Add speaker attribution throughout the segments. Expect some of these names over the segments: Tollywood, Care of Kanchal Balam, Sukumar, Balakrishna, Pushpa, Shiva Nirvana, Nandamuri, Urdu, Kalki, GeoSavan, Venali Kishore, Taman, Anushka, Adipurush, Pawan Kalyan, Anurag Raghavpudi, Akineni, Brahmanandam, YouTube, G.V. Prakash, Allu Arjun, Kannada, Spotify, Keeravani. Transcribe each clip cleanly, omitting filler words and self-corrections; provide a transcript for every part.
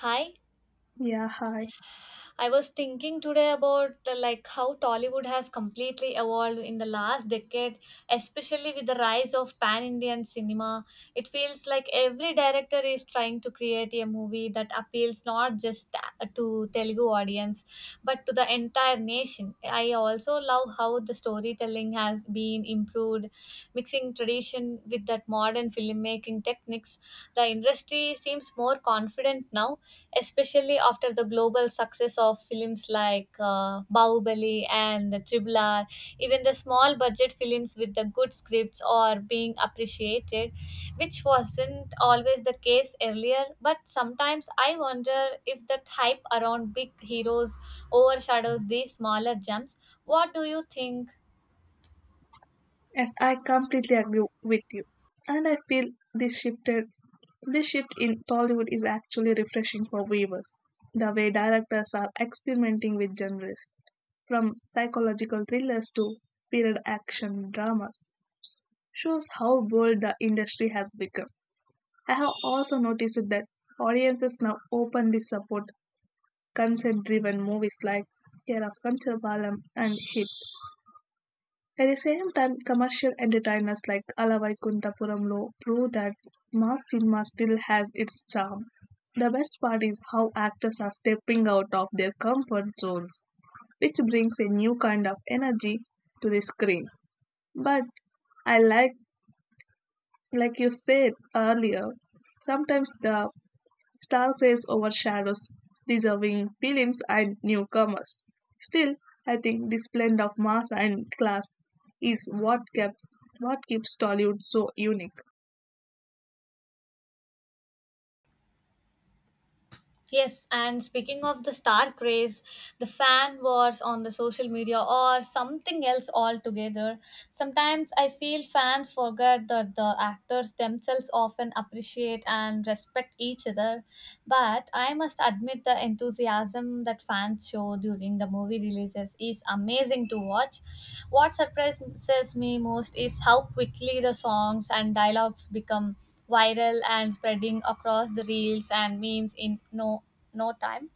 Speaker 1: Hi,
Speaker 2: Yeah, hi.
Speaker 1: I was thinking today about like how Tollywood has completely evolved in the last decade, especially with the rise of pan-Indian cinema. It feels like every director is trying to create a movie that appeals not just to Telugu audience but to the entire nation. I also love how the storytelling has been improved, mixing tradition with that modern filmmaking techniques. The industry seems more confident now, especially after the global success of films like Bahubali and the Triple R. Even the small budget films with the good scripts are being appreciated, which wasn't always the case earlier. But sometimes I wonder if that hype around big heroes overshadows these smaller gems. What do you think?
Speaker 2: Yes, I completely agree with you. And I feel this shifted this shift in Tollywood is actually refreshing for viewers. The way directors are experimenting with genres, from psychological thrillers to period action dramas, shows how bold the industry has become. I have also noticed that audiences now openly support consent driven movies like Care of Kanchal Balam* and Hit. At the same time, commercial entertainers like Alavaraikuntapuramlo prove that mass cinema still has its charm. The best part is how actors are stepping out of their comfort zones, which brings a new kind of energy to the screen. But I like, like you said earlier, sometimes the Stargrace overshadows deserving films and newcomers. Still, I think this blend of mass and class is what keeps Tollywood so unique.
Speaker 1: Yes, and speaking of the star craze, the fan wars on the social media or something else altogether, sometimes I feel fans forget that the actors themselves often appreciate and respect each other. But I must admit the enthusiasm that fans show during the movie releases is amazing to watch. What surprises me most is how quickly the songs and dialogues become viral and spreading across the reels and memes in no time.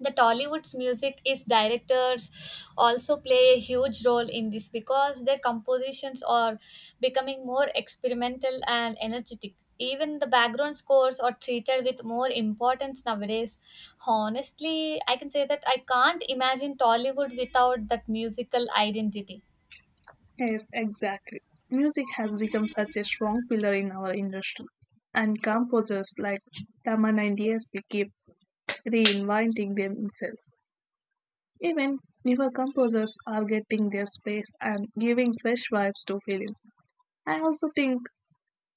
Speaker 1: The Tollywood's music is directors also play a huge role in this because their compositions are becoming more experimental and energetic. Even the background scores are treated with more importance nowadays. Honestly, I can say that I can't imagine Tollywood without that musical identity.
Speaker 2: Yes, exactly. Music has become such a strong pillar in our industry, and composers like Taman and DSP keep reinventing themselves. Even newer composers are getting their space and giving fresh vibes to films. I also think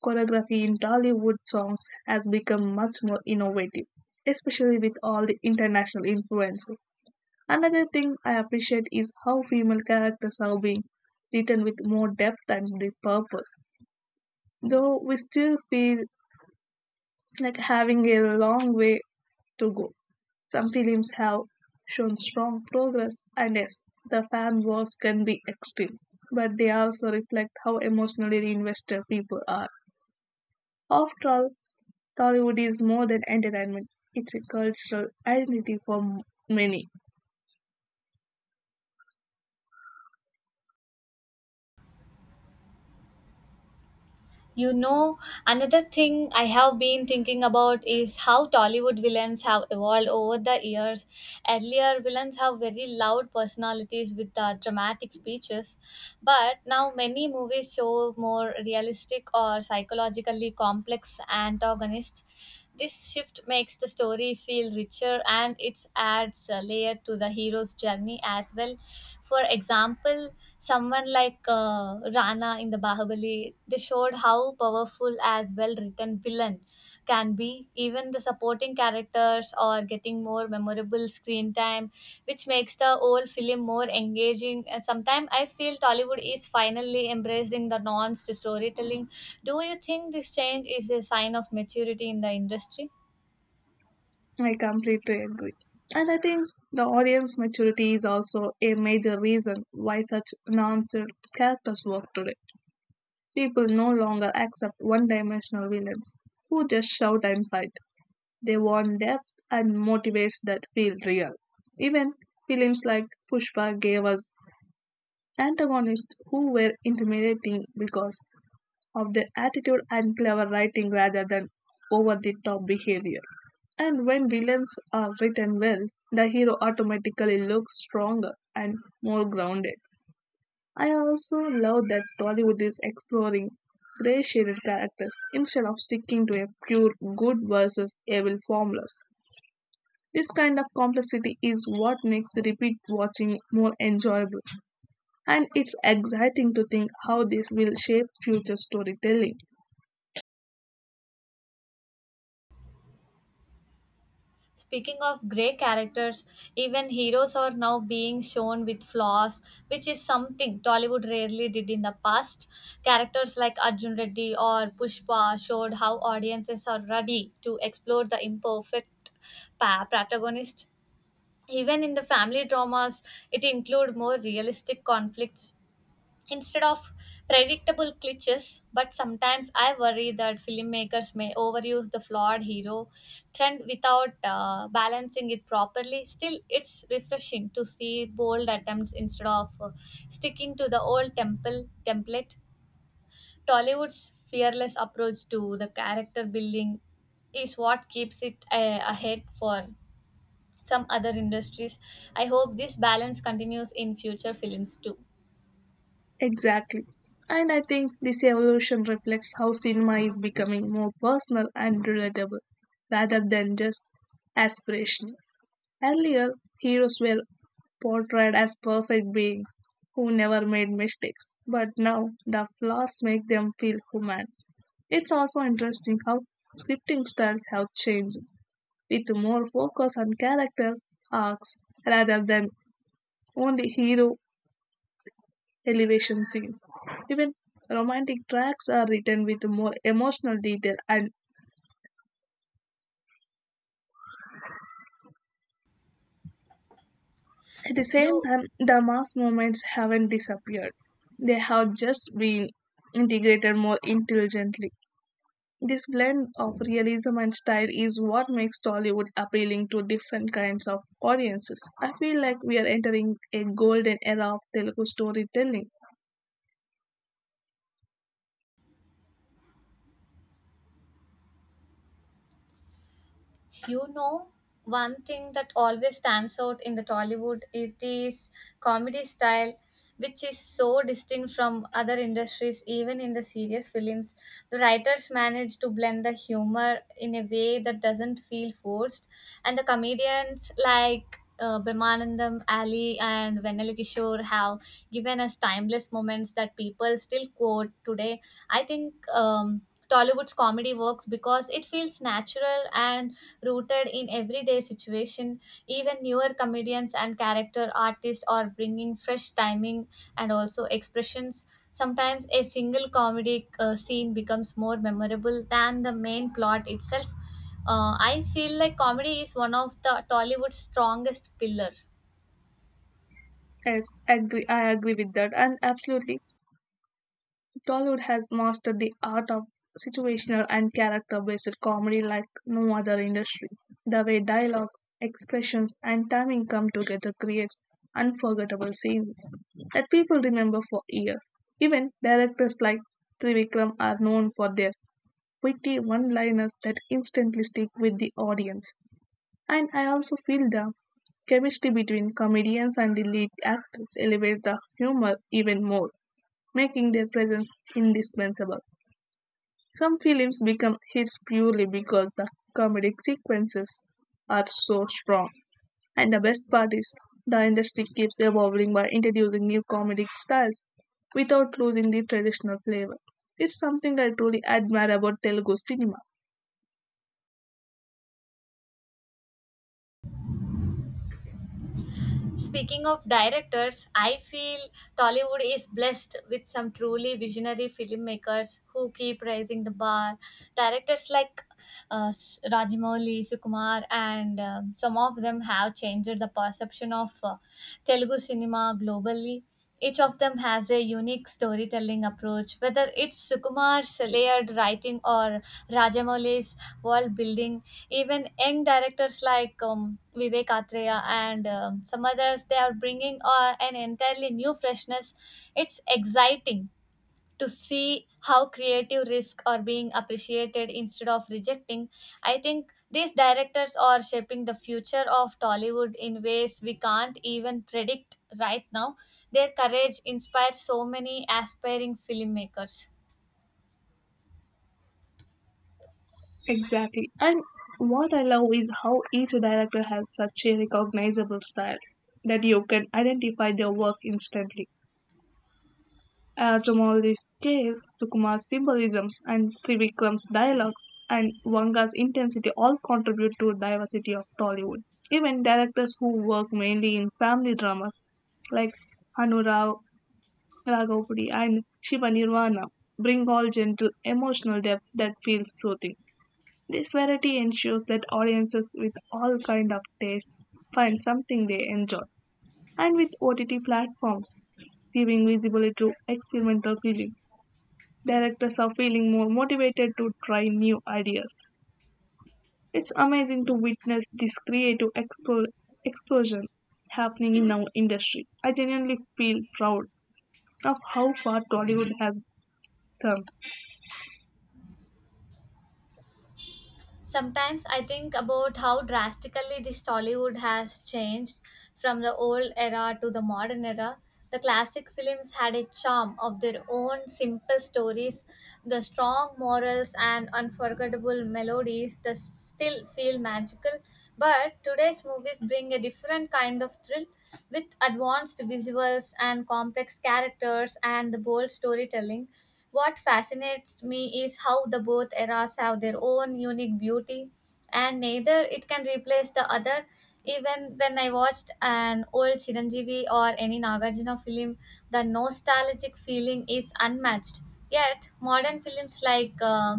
Speaker 2: choreography in Tollywood songs has become much more innovative, especially with all the international influences. Another thing I appreciate is how female characters are being written with more depth and the purpose. Though we still feel like having a long way to go. Some films have shown strong progress, and yes, the fan wars can be extreme, but they also reflect how emotionally invested people are. After all, Tollywood is more than entertainment, it's a cultural identity for many.
Speaker 1: You know, another thing I have been thinking about is how Tollywood villains have evolved over the years. Earlier, villains have very loud personalities with dramatic speeches, but now many movies show more realistic or psychologically complex antagonists. This shift makes the story feel richer and it adds a layer to the hero's journey as well. For example, someone like Rana in the Bahubali, they showed how powerful as well written villain can be. Even the supporting characters are getting more memorable screen time, which makes the old film more engaging. And sometimes I feel Tollywood is finally embracing the nuanced storytelling. Do you think this change is a sign of maturity in the industry?
Speaker 2: I completely agree. And I think the audience maturity is also a major reason why such nonsense characters work today. People no longer accept one dimensional villains who just shout and fight. They want depth and motivates that feel real. Even films like Pushpa gave us antagonists who were intimidating because of their attitude and clever writing rather than over the top behavior. And when villains are written well, the hero automatically looks stronger and more grounded. I also love that Tollywood is exploring gray shaded characters instead of sticking to a pure good versus evil formulas. This kind of complexity is what makes repeat watching more enjoyable, and it's exciting to think how this will shape future storytelling.
Speaker 1: Speaking of grey characters, even heroes are now being shown with flaws, which is something Tollywood rarely did in the past. Characters like Arjun Reddy or Pushpa showed how audiences are ready to explore the imperfect protagonist. Even in the family dramas, it include more realistic conflicts instead of predictable cliches. But sometimes I worry that filmmakers may overuse the flawed hero trend without balancing it properly. Still, it's refreshing to see bold attempts instead of sticking to the old temple template. Tollywood's fearless approach to the character building is what keeps it ahead for some other industries. I hope this balance continues in future films too.
Speaker 2: Exactly. And I think this evolution reflects how cinema is becoming more personal and relatable rather than just aspirational. Earlier, heroes were portrayed as perfect beings who never made mistakes, but now the flaws make them feel human. It's also interesting how scripting styles have changed, with more focus on character arcs rather than only hero elevation scenes. Even romantic tracks are written with more emotional detail, and at the same
Speaker 1: you
Speaker 2: time, the mass movements haven't disappeared. They have just been integrated more intelligently. This blend of realism and style is what makes Tollywood appealing to different kinds of audiences. I feel like we are entering a golden era of Telugu storytelling.
Speaker 1: You know, one thing that always stands out in the Tollywood it is comedy style, which is so distinct from other industries. Even in the serious films, the writers manage to blend the humor in a way that doesn't feel forced, and the comedians like Brahmanandam, Ali, and Venali Kishore have given us timeless moments that people still quote today. I think Tollywood's comedy works because it feels natural and rooted in everyday situation. Even newer comedians and character artists are bringing fresh timing and also expressions. Sometimes a single comedic scene becomes more memorable than the main plot itself. I feel like comedy is one of the Tollywood's strongest pillar.
Speaker 2: Yes, agree. I agree with that, and absolutely, Tollywood has mastered the art of situational and character based comedy like no other industry. The way dialogues, expressions, and timing come together creates unforgettable scenes that people remember for years. Even directors like Trivikram are known for their witty one liners that instantly stick with the audience. And I also feel the chemistry between comedians and the lead actors elevates the humor even more, making their presence indispensable. Some films become hits purely because the comedic sequences are so strong. And the best part is, the industry keeps evolving by introducing new comedic styles without losing the traditional flavor. It's something I truly admire about Telugu cinema.
Speaker 1: Speaking of directors, I feel Tollywood is blessed with some truly visionary filmmakers who keep raising the bar. Directors like Rajamouli, Sukumar, and some of them have changed the perception of Telugu cinema globally. Each of them has a unique storytelling approach, whether it's Sukumar's layered writing or Rajamouli's world building. Even young directors like Vivek Atreya and some others, they are bringing an entirely new freshness. It's exciting to see how creative risks are being appreciated instead of rejecting. I think these directors are shaping the future of Tollywood in ways we can't even predict right now. Their courage inspires so many aspiring filmmakers.
Speaker 2: Exactly. And what I love is how each director has such a recognizable style that you can identify their work instantly. Tomori's scale, Sukumar's symbolism, and Trivikram's dialogues and Vanga's intensity all contribute to diversity of Tollywood. Even directors who work mainly in family dramas like Anurag Raghavpudi and Shiva Nirvana bring all gentle emotional depth that feels soothing. This variety ensures that audiences with all kind of taste find something they enjoy. And with OTT platforms giving visibility to experimental films, directors are feeling more motivated to try new ideas. It's amazing to witness this creative explosion happening in our industry. I genuinely feel proud of how far Tollywood has come.
Speaker 1: Sometimes I think about how drastically this Tollywood has changed from the old era to the modern era. The classic films had a charm of their own simple stories, the strong morals, and unforgettable melodies that still feel magical. But today's movies bring a different kind of thrill with advanced visuals and complex characters and the bold storytelling. What fascinates me is how the both eras have their own unique beauty, and neither it can replace the other. Even when I watched an old Chiranjeevi or any Nagarjuna film, the nostalgic feeling is unmatched. Yet, modern films like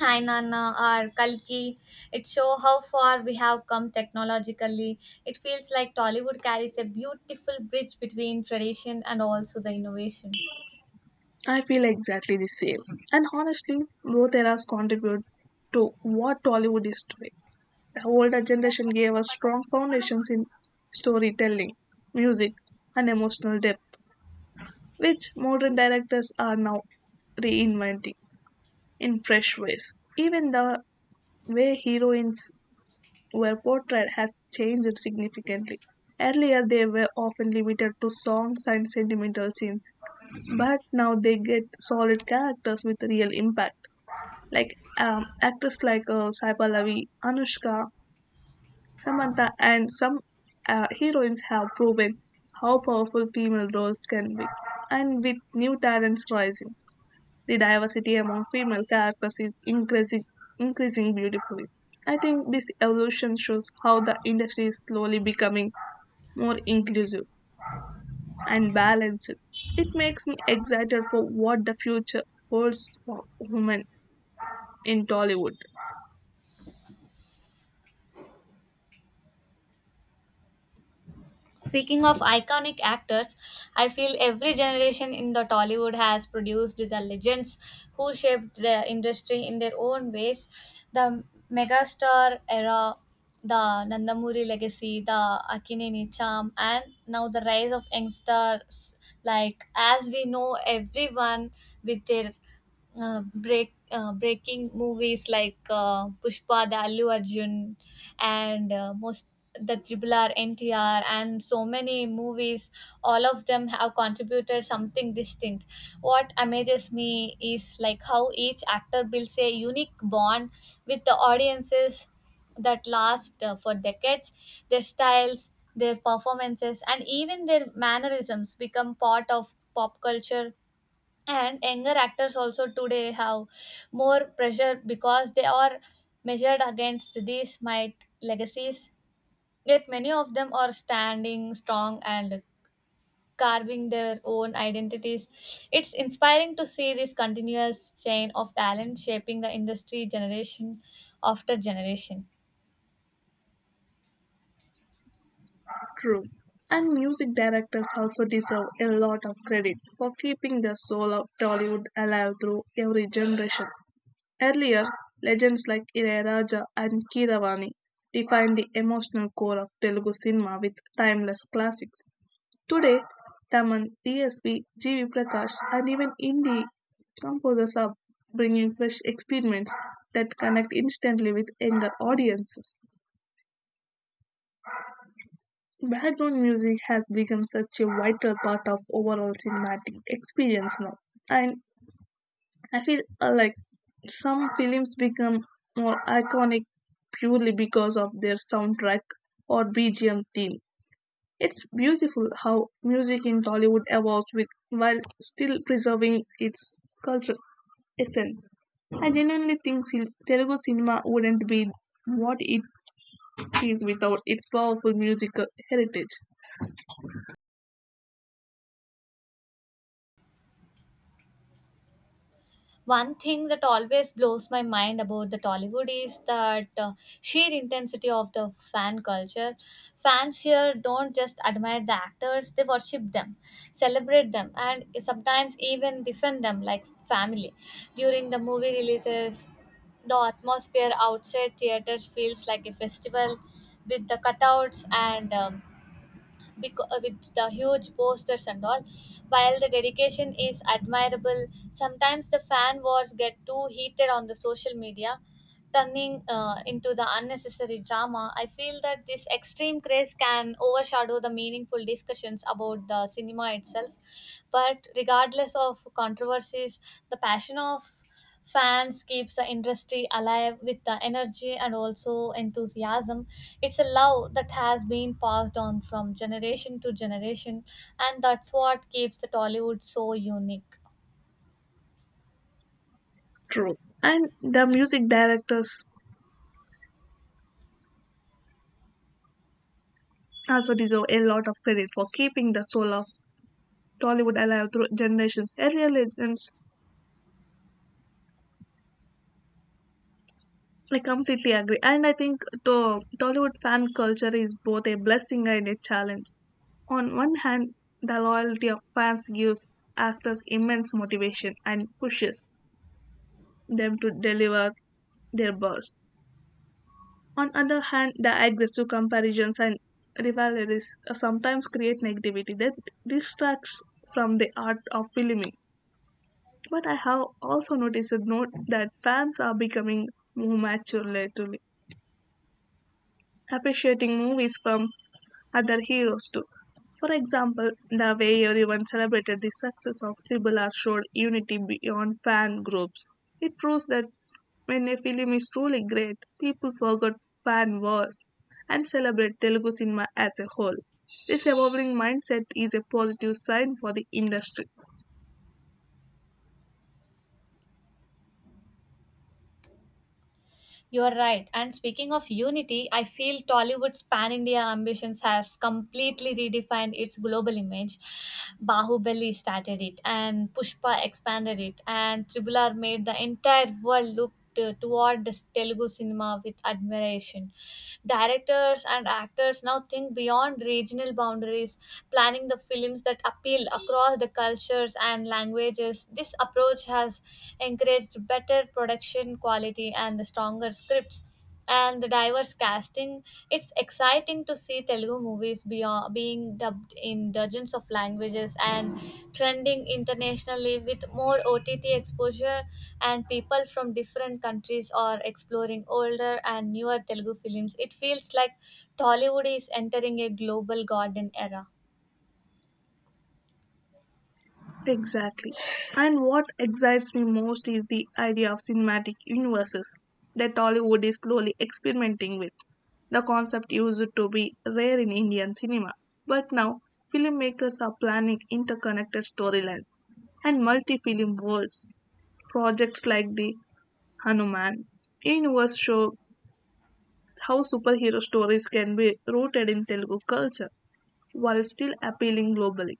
Speaker 1: Hainana or Kalki, it show how far we have come technologically. It feels like Tollywood carries a beautiful bridge between tradition and also the innovation.
Speaker 2: I feel exactly the same. And honestly, both eras contribute to what Tollywood is today. The older generation gave us strong foundations in storytelling, music, and emotional depth, which modern directors are now reinventing in fresh ways. Even the way heroines were portrayed has changed significantly. Earlier, they were often limited to songs and sentimental scenes, but now they get solid characters with real impact. Like actors like Saiba Lavi, Anushka, Samantha, and some heroines have proven how powerful female roles can be, and with new talents rising, the diversity among female characters is increasing beautifully. I think this evolution shows how the industry is slowly becoming more inclusive and balanced. It makes me excited for what the future holds for women in Tollywood.
Speaker 1: Speaking of iconic actors, I feel every generation in the Tollywood has produced the legends who shaped the industry in their own ways. The megastar era, the Nandamuri legacy, the Akineni charm, and now the rise of youngsters. Like as we know, everyone with their breaking movies like Pushpa, the Allu Arjun, and most the Triple R, NTR, and so many movies. All of them have contributed something distinct. What amazes me is like how each actor builds a unique bond with the audiences that last for decades. Their styles, their performances, and even their mannerisms become part of pop culture, and younger actors also today have more pressure because they are measured against these might legacies. Yet many of them are standing strong and carving their own identities. It's inspiring to see this continuous chain of talent shaping the industry generation after generation.
Speaker 2: True. And music directors also deserve a lot of credit for keeping the soul of Tollywood alive through every generation. Earlier, legends like Ilayaraja and Keeravani defined the emotional core of Telugu cinema with timeless classics. Today, Taman, DSP, G.V. Prakash, and even indie composers are bringing fresh experiments that connect instantly with younger audiences. Background music has become such a vital part of overall cinematic experience now, and I feel like some films become more iconic purely because of their soundtrack or BGM theme. It's beautiful how music in Tollywood evolves with while still preserving its cultural essence. I genuinely think Telugu cinema wouldn't be what it is without its powerful musical heritage.
Speaker 1: One thing that always blows my mind about the Tollywood is that sheer intensity of the fan culture. Fans here don't just admire the actors, they worship them, celebrate them, and sometimes even defend them like family. During the movie releases, the atmosphere outside theaters feels like a festival with the cutouts and with the huge posters and all. While the dedication is admirable, sometimes the fan wars get too heated on the social media, turning into the unnecessary drama. I feel that this extreme craze can overshadow the meaningful discussions about the cinema itself. But regardless of controversies, the passion of fans keeps the industry alive with the energy and also enthusiasm. It's a love that has been passed on from generation to generation, and that's what keeps the Tollywood so unique.
Speaker 2: True. And the music directors also deserve a lot of credit for keeping the soul of Tollywood alive through generations. Earlier legends, I completely agree. And I think to Tollywood fan culture is both a blessing and a challenge. On one hand, the loyalty of fans gives actors immense motivation and pushes them to deliver their best. On other hand, the aggressive comparisons and rivalries sometimes create negativity that distracts from the art of filming. But I have also noticed a note that fans are becoming more mature lately, appreciating movies from other heroes too. For example, the way everyone celebrated the success of Triple R showed unity beyond fan groups. It proves that when a film is truly great, people forget fan wars and celebrate Telugu cinema as a whole. This evolving mindset is a positive sign for the industry.
Speaker 1: You are right. And speaking of unity, I feel Tollywood's pan India ambitions has completely redefined its global image. Bahubali started it, and Pushpa expanded it, and Tribular made the entire world look toward this Telugu cinema with admiration. Directors and actors now think beyond regional boundaries, planning the films that appeal across the cultures and languages. This approach has encouraged better production quality and the stronger scripts and the diverse casting. It's exciting to see Telugu movies beyond, being dubbed in dozens of languages and trending internationally with more OTT exposure, and people from different countries are exploring older and newer Telugu films. It feels like Tollywood is entering a global golden era.
Speaker 2: Exactly. And what excites me most is the idea of cinematic universes that Hollywood is slowly experimenting with. The concept used to be rare in Indian cinema, but now filmmakers are planning interconnected storylines and multi film worlds. Projects like the Hanuman universe show how superhero stories can be rooted in Telugu culture while still appealing globally.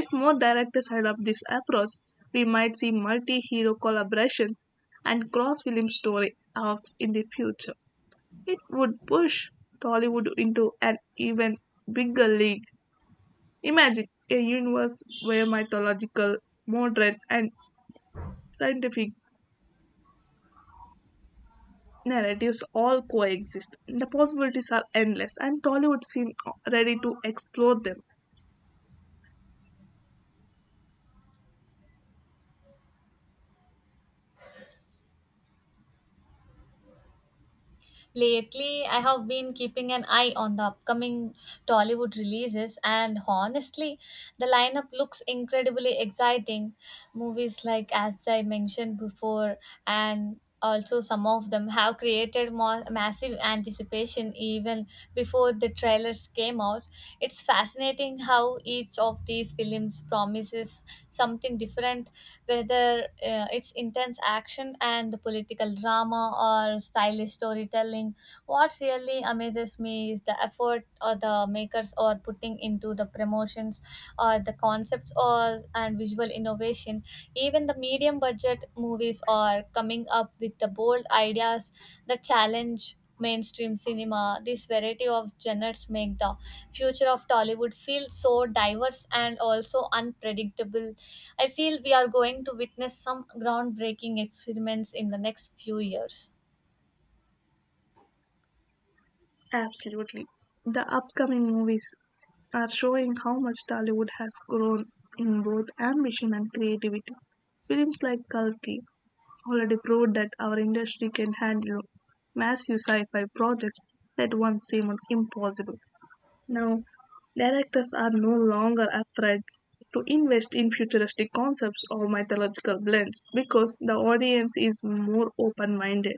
Speaker 2: If more directors adopt this approach, we might see multi hero collaborations and cross film story arcs in the future. It would push Tollywood into an even bigger league. Imagine a universe where mythological, modern, and scientific narratives all coexist. The possibilities are endless, and Tollywood seems ready to explore them.
Speaker 1: Lately, I have been keeping an eye on the upcoming Tollywood releases, and honestly, the lineup looks incredibly exciting. Movies like, as I mentioned before, and also some of them have created more massive anticipation even before the trailers came out. It's fascinating how each of these films promises something different, whether it's intense action and the political drama or stylish storytelling. What really amazes me is the effort or the makers are putting into the promotions or the concepts or and visual innovation. Even the medium budget movies are coming up with the bold ideas that challenge mainstream cinema. This variety of genres make the future of Tollywood feel so diverse and also unpredictable. I feel we are going to witness some groundbreaking experiments in the next few years.
Speaker 2: Absolutely. The upcoming movies are showing how much Tollywood has grown in both ambition and creativity. Films like Kalki already proved that our industry can handle massive sci fi projects that once seemed impossible. Now, directors are no longer afraid to invest in futuristic concepts or mythological blends because the audience is more open minded.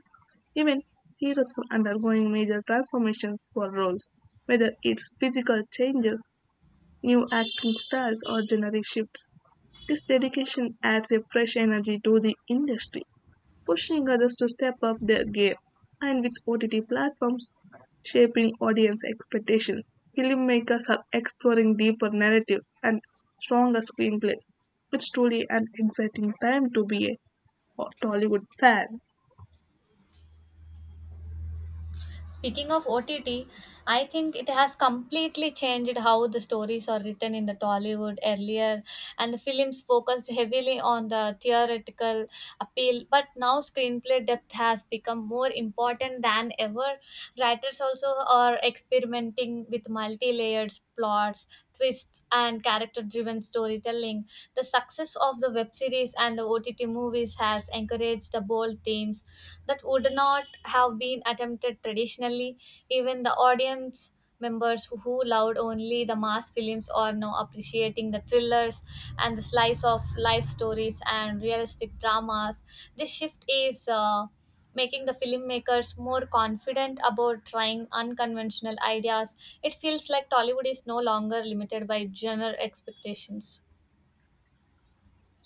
Speaker 2: Even heroes are undergoing major transformations for roles, whether it's physical changes, new acting styles, or genre shifts. This dedication adds a fresh energy to the industry, pushing others to step up their game. And with OTT platforms shaping audience expectations, filmmakers are exploring deeper narratives and stronger screenplays. It's truly an exciting time to be a Tollywood fan.
Speaker 1: Speaking of OTT, I think it has completely changed how the stories are written in the Tollywood earlier, and the films focused heavily on the theoretical appeal. But now screenplay depth has become more important than ever. Writers also are experimenting with multi-layered plots, twists, and character-driven storytelling. The success of the web series and the OTT movies has encouraged encourage the bold themes that would not have been attempted traditionally. Even the audience members who loved only the mass films are now appreciating the thrillers and the slice of life stories and realistic dramas. This shift is making the filmmakers more confident about trying unconventional ideas. It feels like Tollywood is no longer limited by genre expectations.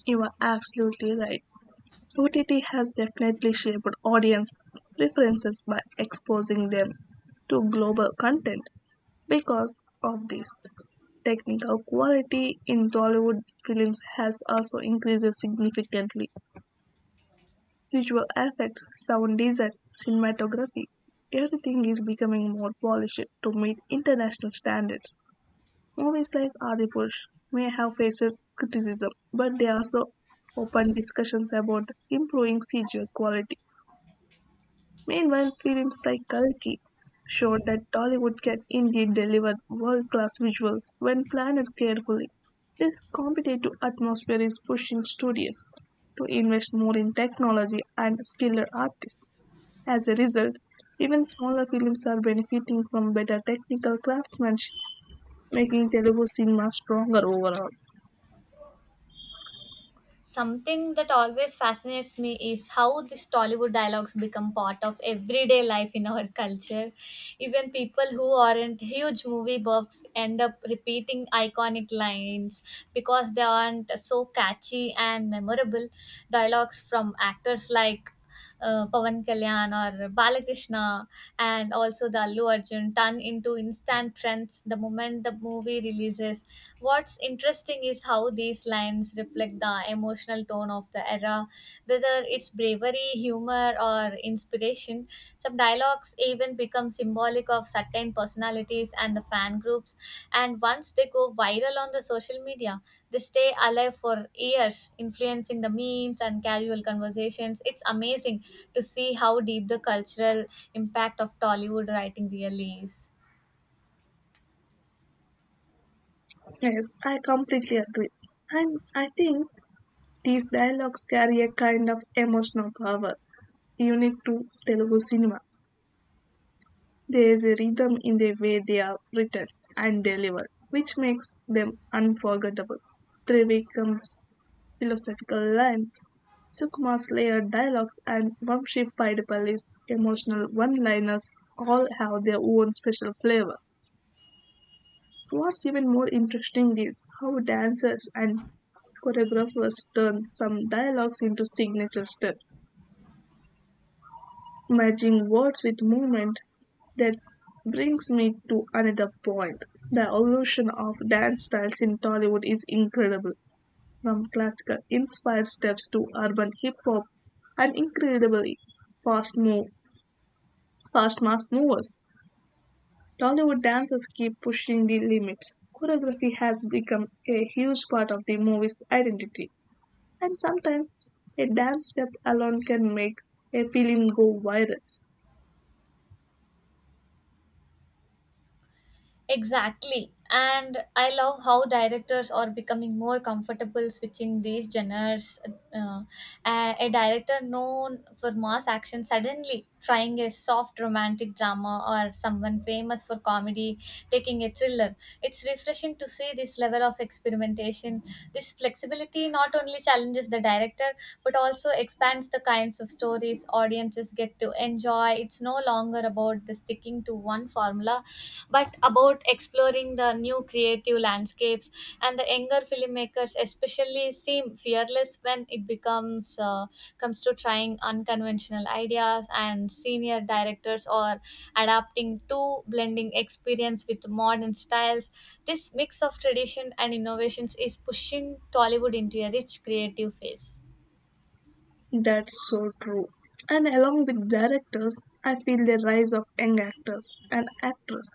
Speaker 2: You are absolutely right. OTT has definitely shaped audience preferences by exposing them to global content. Because of this, technical quality in Tollywood films has also increased significantly. Visual effects, sound design, cinematography, everything is becoming more polished to meet international standards. Movies like Adipurush may have faced criticism, but they also open discussions about improving CGI quality. Meanwhile, films like Kalki showed that Tollywood can indeed deliver world-class visuals when planned carefully. This competitive atmosphere is pushing studios to invest more in technology and skilled artists. As a result, even smaller films are benefiting from better technical craftsmanship, making Telugu cinema stronger overall.
Speaker 1: Something that always fascinates me is how these Tollywood dialogues become part of everyday life in our culture. Even people who aren't huge movie buffs end up repeating iconic lines because they aren't so catchy and memorable. Dialogues from actors like Pawan Kalyan or Balakrishna and also the Allu Arjun turn into instant trends the moment the movie releases. What's interesting is how these lines reflect the emotional tone of the era, whether it's bravery, humor, or inspiration. Some dialogues even become symbolic of certain personalities and the fan groups, and once they go viral on the social media, they stay alive for years, influencing the memes and casual conversations. It's amazing to see how deep the cultural impact of Tollywood writing really is.
Speaker 2: Yes, I completely agree. And I think these dialogues carry a kind of emotional power unique to Telugu cinema. There is a rhythm in the way they are written and delivered, which makes them unforgettable. Trivikram's philosophical lines, Sukumar's layered dialogues, and Vamshi Padipalli's emotional one-liners all have their own special flavor. What's even more interesting is how dancers and choreographers turn some dialogues into signature steps, matching words with movement. That brings me to another point. The evolution of dance styles in Tollywood is incredible. From classical inspired steps to urban hip hop and incredibly fast move fast mass movers. Tollywood dancers keep pushing the limits. Choreography has become a huge part of the movie's identity. And sometimes a dance step alone can make a film go viral.
Speaker 1: Exactly. And I love how directors are becoming more comfortable switching these genres. Uh, a director known for mass action suddenly trying a soft romantic drama, or someone famous for comedy taking a thriller. It's refreshing to see this level of experimentation. This flexibility not only challenges the director but also expands the kinds of stories audiences get to enjoy. It's no longer about the sticking to one formula but about exploring the new creative landscapes, and the younger filmmakers especially seem fearless when it becomes comes to trying unconventional ideas, and senior directors are adapting to blending experience with modern styles. This mix of tradition and innovations is pushing Tollywood into a rich creative phase.
Speaker 2: That's so true. And along with directors, I feel the rise of young actors and actresses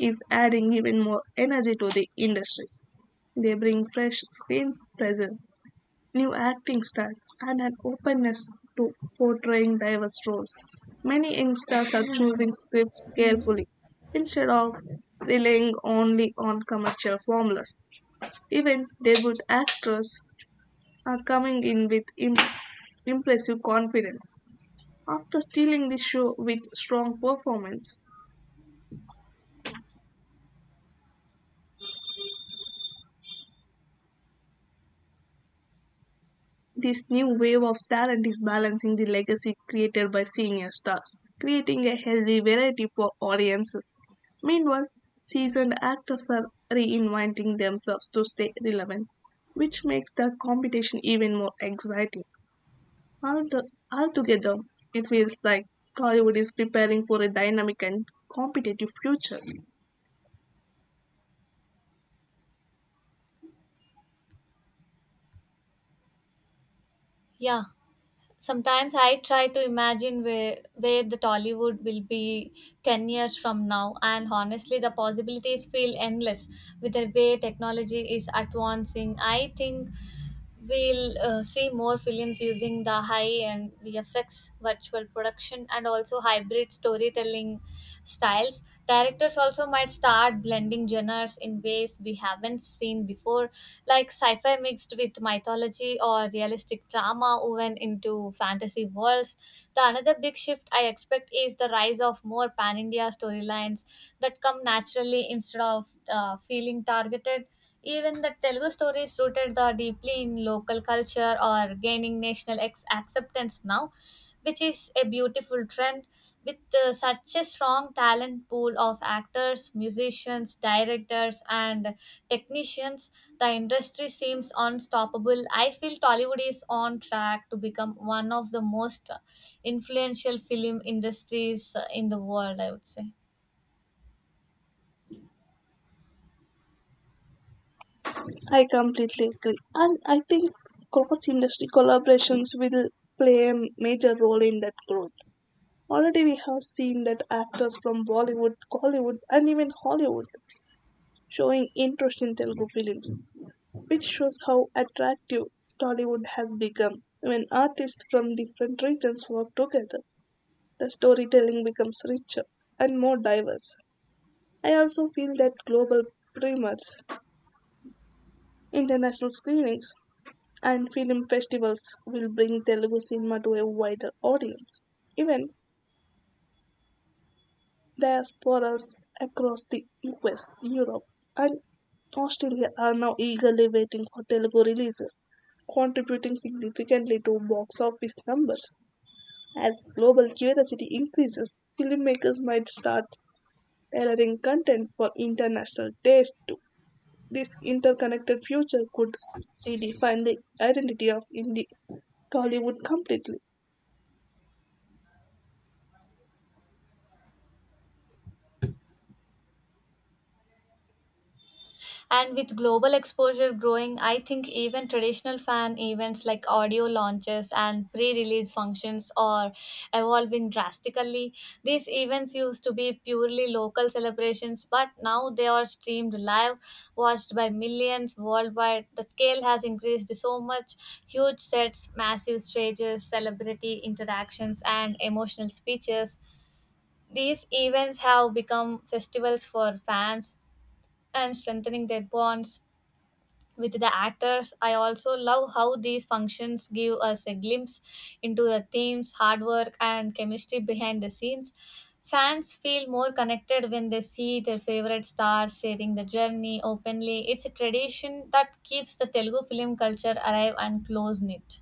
Speaker 2: is adding even more energy to the industry. They bring fresh screen presence, new acting styles, and an openness to portraying diverse roles. Many young stars are choosing scripts carefully instead of relying only on commercial formulas. Even debut actors are coming in with impressive confidence after stealing the show with strong performance. This new wave of talent is balancing the legacy created by senior stars, creating a healthy variety for audiences. Meanwhile, seasoned actors are reinventing themselves to stay relevant, which makes the competition even more exciting. Alto- Altogether, it feels like Hollywood is preparing for a dynamic and competitive future.
Speaker 1: Yeah. Sometimes I try to imagine where the Tollywood will be 10 years from now, and honestly, the possibilities feel endless. With the way technology is advancing, I think we'll see more films using the high end VFX, virtual production, and also hybrid storytelling styles. Directors also might start blending genres in ways we haven't seen before, like sci fi mixed with mythology or realistic drama woven into fantasy worlds. The another big shift I expect is the rise of more pan India storylines that come naturally instead of feeling targeted. Even the Telugu stories rooted the deeply in local culture or gaining national ex- acceptance now, which is a beautiful trend. With such a strong talent pool of actors, musicians, directors, and technicians, the industry seems unstoppable. I feel Tollywood is on track to become one of the most influential film industries in the world, I would say.
Speaker 2: I completely agree. And I think cross industry collaborations will play a major role in that growth. Already, we have seen that actors from Bollywood, Hollywood, and even Hollywood showing interest in Telugu films, which shows how attractive Tollywood has become. When artists from different regions work together, the storytelling becomes richer and more diverse. I also feel that global premieres, international screenings, and film festivals will bring Telugu cinema to a wider audience. Even diasporas across the US, Europe, and Australia are now eagerly waiting for Telugu releases, contributing significantly to box office numbers. As global curiosity increases, filmmakers might start tailoring content for international taste too. This interconnected future could redefine the identity of Indian Tollywood completely.
Speaker 1: And with global exposure growing, I think even traditional fan events like audio launches and pre release functions are evolving drastically. These events used to be purely local celebrations, but now they are streamed live, watched by millions worldwide. The scale has increased so much: huge sets, massive stages, celebrity interactions, and emotional speeches. These events have become festivals for fans and strengthening their bonds with the actors. I also love how these functions give us a glimpse into the themes, hard work, and chemistry behind the scenes. Fans feel more connected when they see their favorite stars sharing the journey openly. It's a tradition that keeps the Telugu film culture alive and close knit.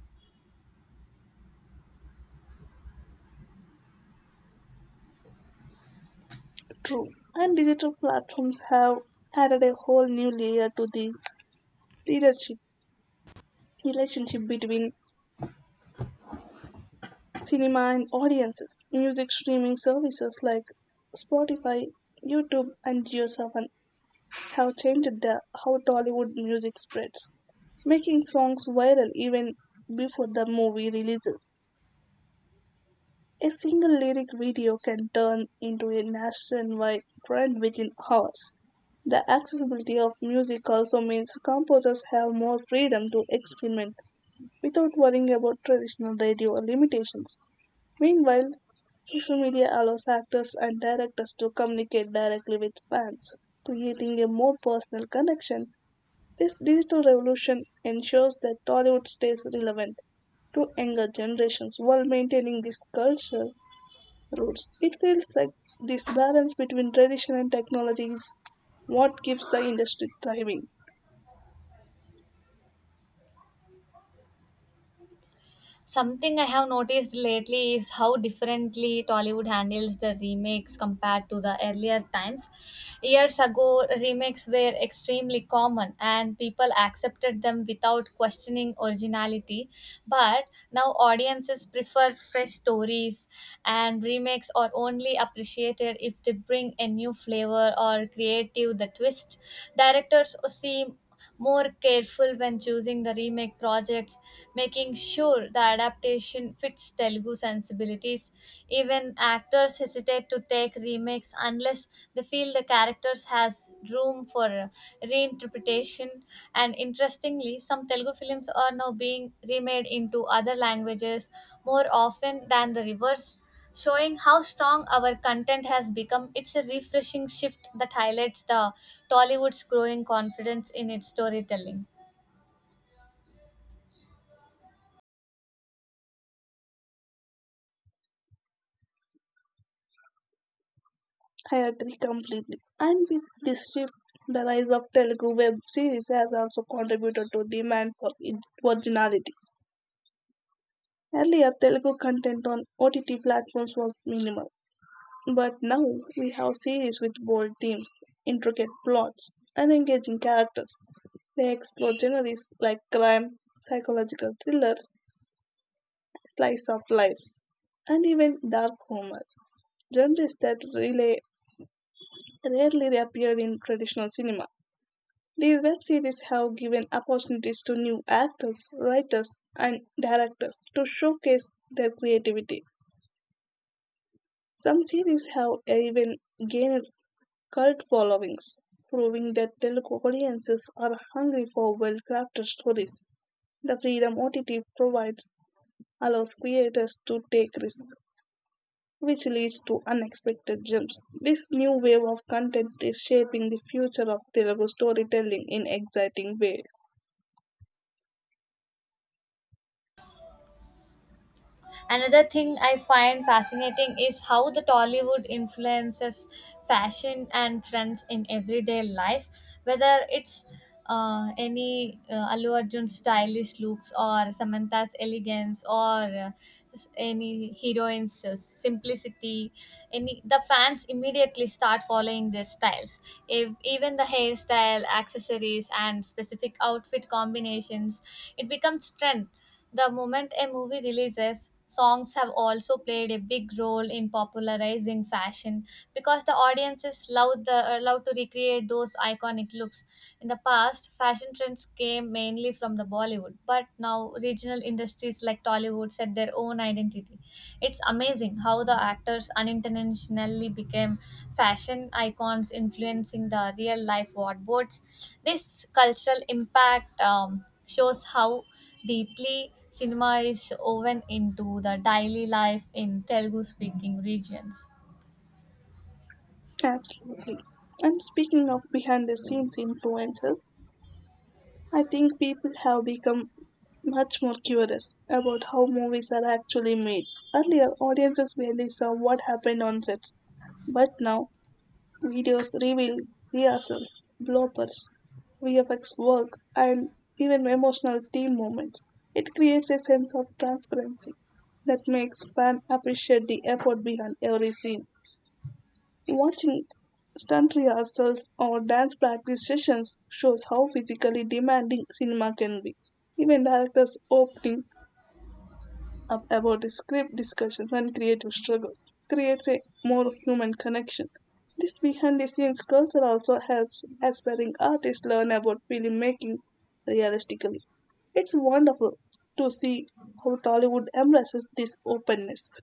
Speaker 2: True. And digital platforms have added a whole new layer to the leadership relationship between cinema and audiences. Music streaming services like Spotify, YouTube, and GeoSavan have changed the how Tollywood music spreads, making songs viral even before the movie releases. A single lyric video can turn into a nationwide trend within hours. The accessibility of music also means composers have more freedom to experiment without worrying about traditional radio limitations. Meanwhile, social media allows actors and directors to communicate directly with fans, creating a more personal connection. This digital revolution ensures that Tollywood stays relevant to younger generations while maintaining this culture roots. It feels like this balance between tradition and technology is what keeps the industry thriving.
Speaker 1: Something I have noticed lately is how differently Tollywood handles the remakes compared to the earlier times. Years ago, remakes were extremely common and people accepted them without questioning originality. But now audiences prefer fresh stories, and remakes are only appreciated if they bring a new flavor or creative the twist. Directors seem more careful when choosing the remake projects, making sure the adaptation fits Telugu sensibilities. Even actors hesitate to take remakes unless they feel the characters has room for reinterpretation. And interestingly, some Telugu films are now being remade into other languages more often than the reverse, showing how strong our content has become. It's a refreshing shift that highlights the Tollywood's growing confidence in its storytelling.
Speaker 2: I agree completely. And with this shift, the rise of Telugu web series has also contributed to demand for originality. Earlier, Telugu content on OTT platforms was minimal, but now we have series with bold themes, intricate plots, and engaging characters. They explore genres like crime, psychological thrillers, slice of life, and even dark humor, genres that really rarely reappeared in traditional cinema. These web series have given opportunities to new actors, writers, and directors to showcase their creativity. Some series have even gained cult followings, proving that Telugu audiences are hungry for well crafted stories. The freedom OTT provides allows creators to take risks which leads to unexpected jumps. This new wave of content is shaping the future of Telugu storytelling in exciting ways.
Speaker 1: Another thing I find fascinating is how the Tollywood influences fashion and trends in everyday life, whether it's any Allu Arjun's stylish looks or Samantha's elegance or any heroine's simplicity. Any the fans immediately start following their styles, if even the hairstyle accessories and specific outfit combinations, it becomes trend the moment a movie releases. Songs have also played a big role in popularizing fashion because the audiences love the love to recreate those iconic looks. In the past, fashion trends came mainly from the Bollywood, but now regional industries like Tollywood set their own identity. It's amazing how the actors unintentionally became fashion icons, influencing the real life wardrobes. This cultural impact shows how deeply, cinema is woven into the daily life in Telugu speaking regions.
Speaker 2: Absolutely. And speaking of behind the scenes influences, I think people have become much more curious about how movies are actually made. Earlier, audiences barely saw what happened on sets, but now videos reveal rehearsals, bloopers, VFX work, and even emotional team moments. It creates a sense of transparency that makes fans appreciate the effort behind every scene. Watching stunt rehearsals or dance practice sessions shows how physically demanding cinema can be. Even directors' opening about script discussions and creative struggles creates a more human connection. This behind the scenes culture also helps aspiring artists learn about filmmaking realistically. It's wonderful to see how Tollywood embraces this openness.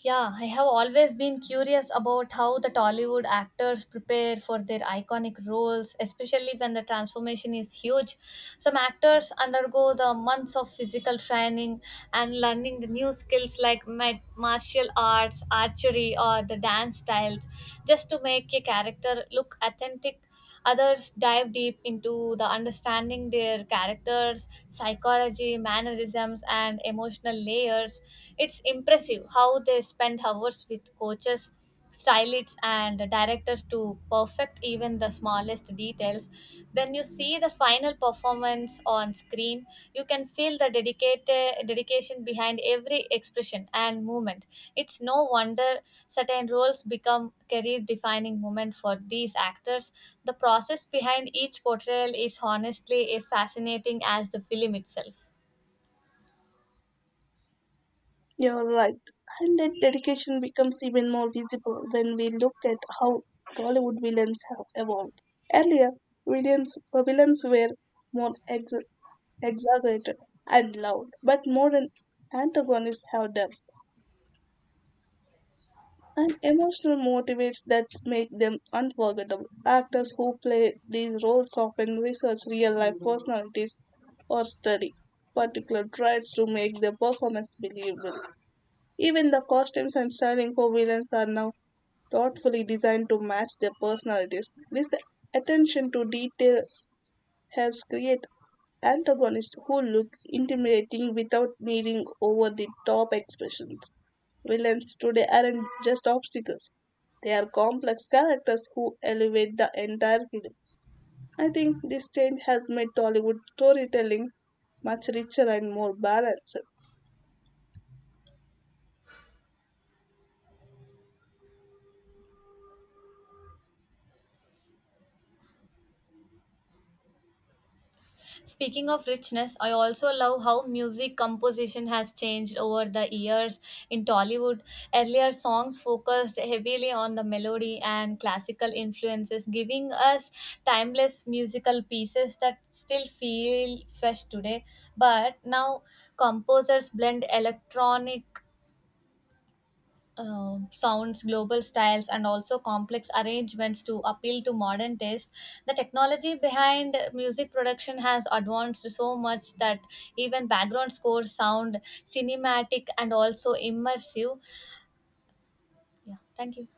Speaker 1: Yeah, I have always been curious about how the Tollywood actors prepare for their iconic roles, especially when the transformation is huge. Some actors undergo the months of physical training and learning the new skills like martial arts, archery, or the dance styles just to make a character look authentic. Others dive deep into the understanding their characters, psychology, mannerisms, and emotional layers. It's impressive how they spend hours with coaches, stylists, and directors to perfect even the smallest details. When you see the final performance on screen, you can feel the dedicated dedication behind every expression and movement. It's no wonder certain roles become career defining moment for these actors. The process behind each portrayal is honestly as fascinating as the film itself.
Speaker 2: You're right, and that dedication becomes even more visible when we look at how Tollywood villains have evolved. Earlier, villains were more exaggerated and loud, but modern antagonists have depth and emotional motivates that make them unforgettable. Actors who play these roles often research real life personalities or study particular traits to make their performance believable. Even the costumes and styling for villains are now thoughtfully designed to match their personalities. This attention to detail helps create antagonists who look intimidating without needing over the top expressions. Villains today aren't just obstacles, they are complex characters who elevate the entire film. I think this change has made Tollywood storytelling much richer and more balanced.
Speaker 1: Speaking of richness, I also love how music composition has changed over the years in Tollywood. Earlier songs focused heavily on the melody and classical influences, giving us timeless musical pieces that still feel fresh today. But now composers blend electronic sounds, global styles, and also complex arrangements to appeal to modern taste. The technology behind music production has advanced so much that even background scores sound cinematic and also immersive. Yeah, thank you.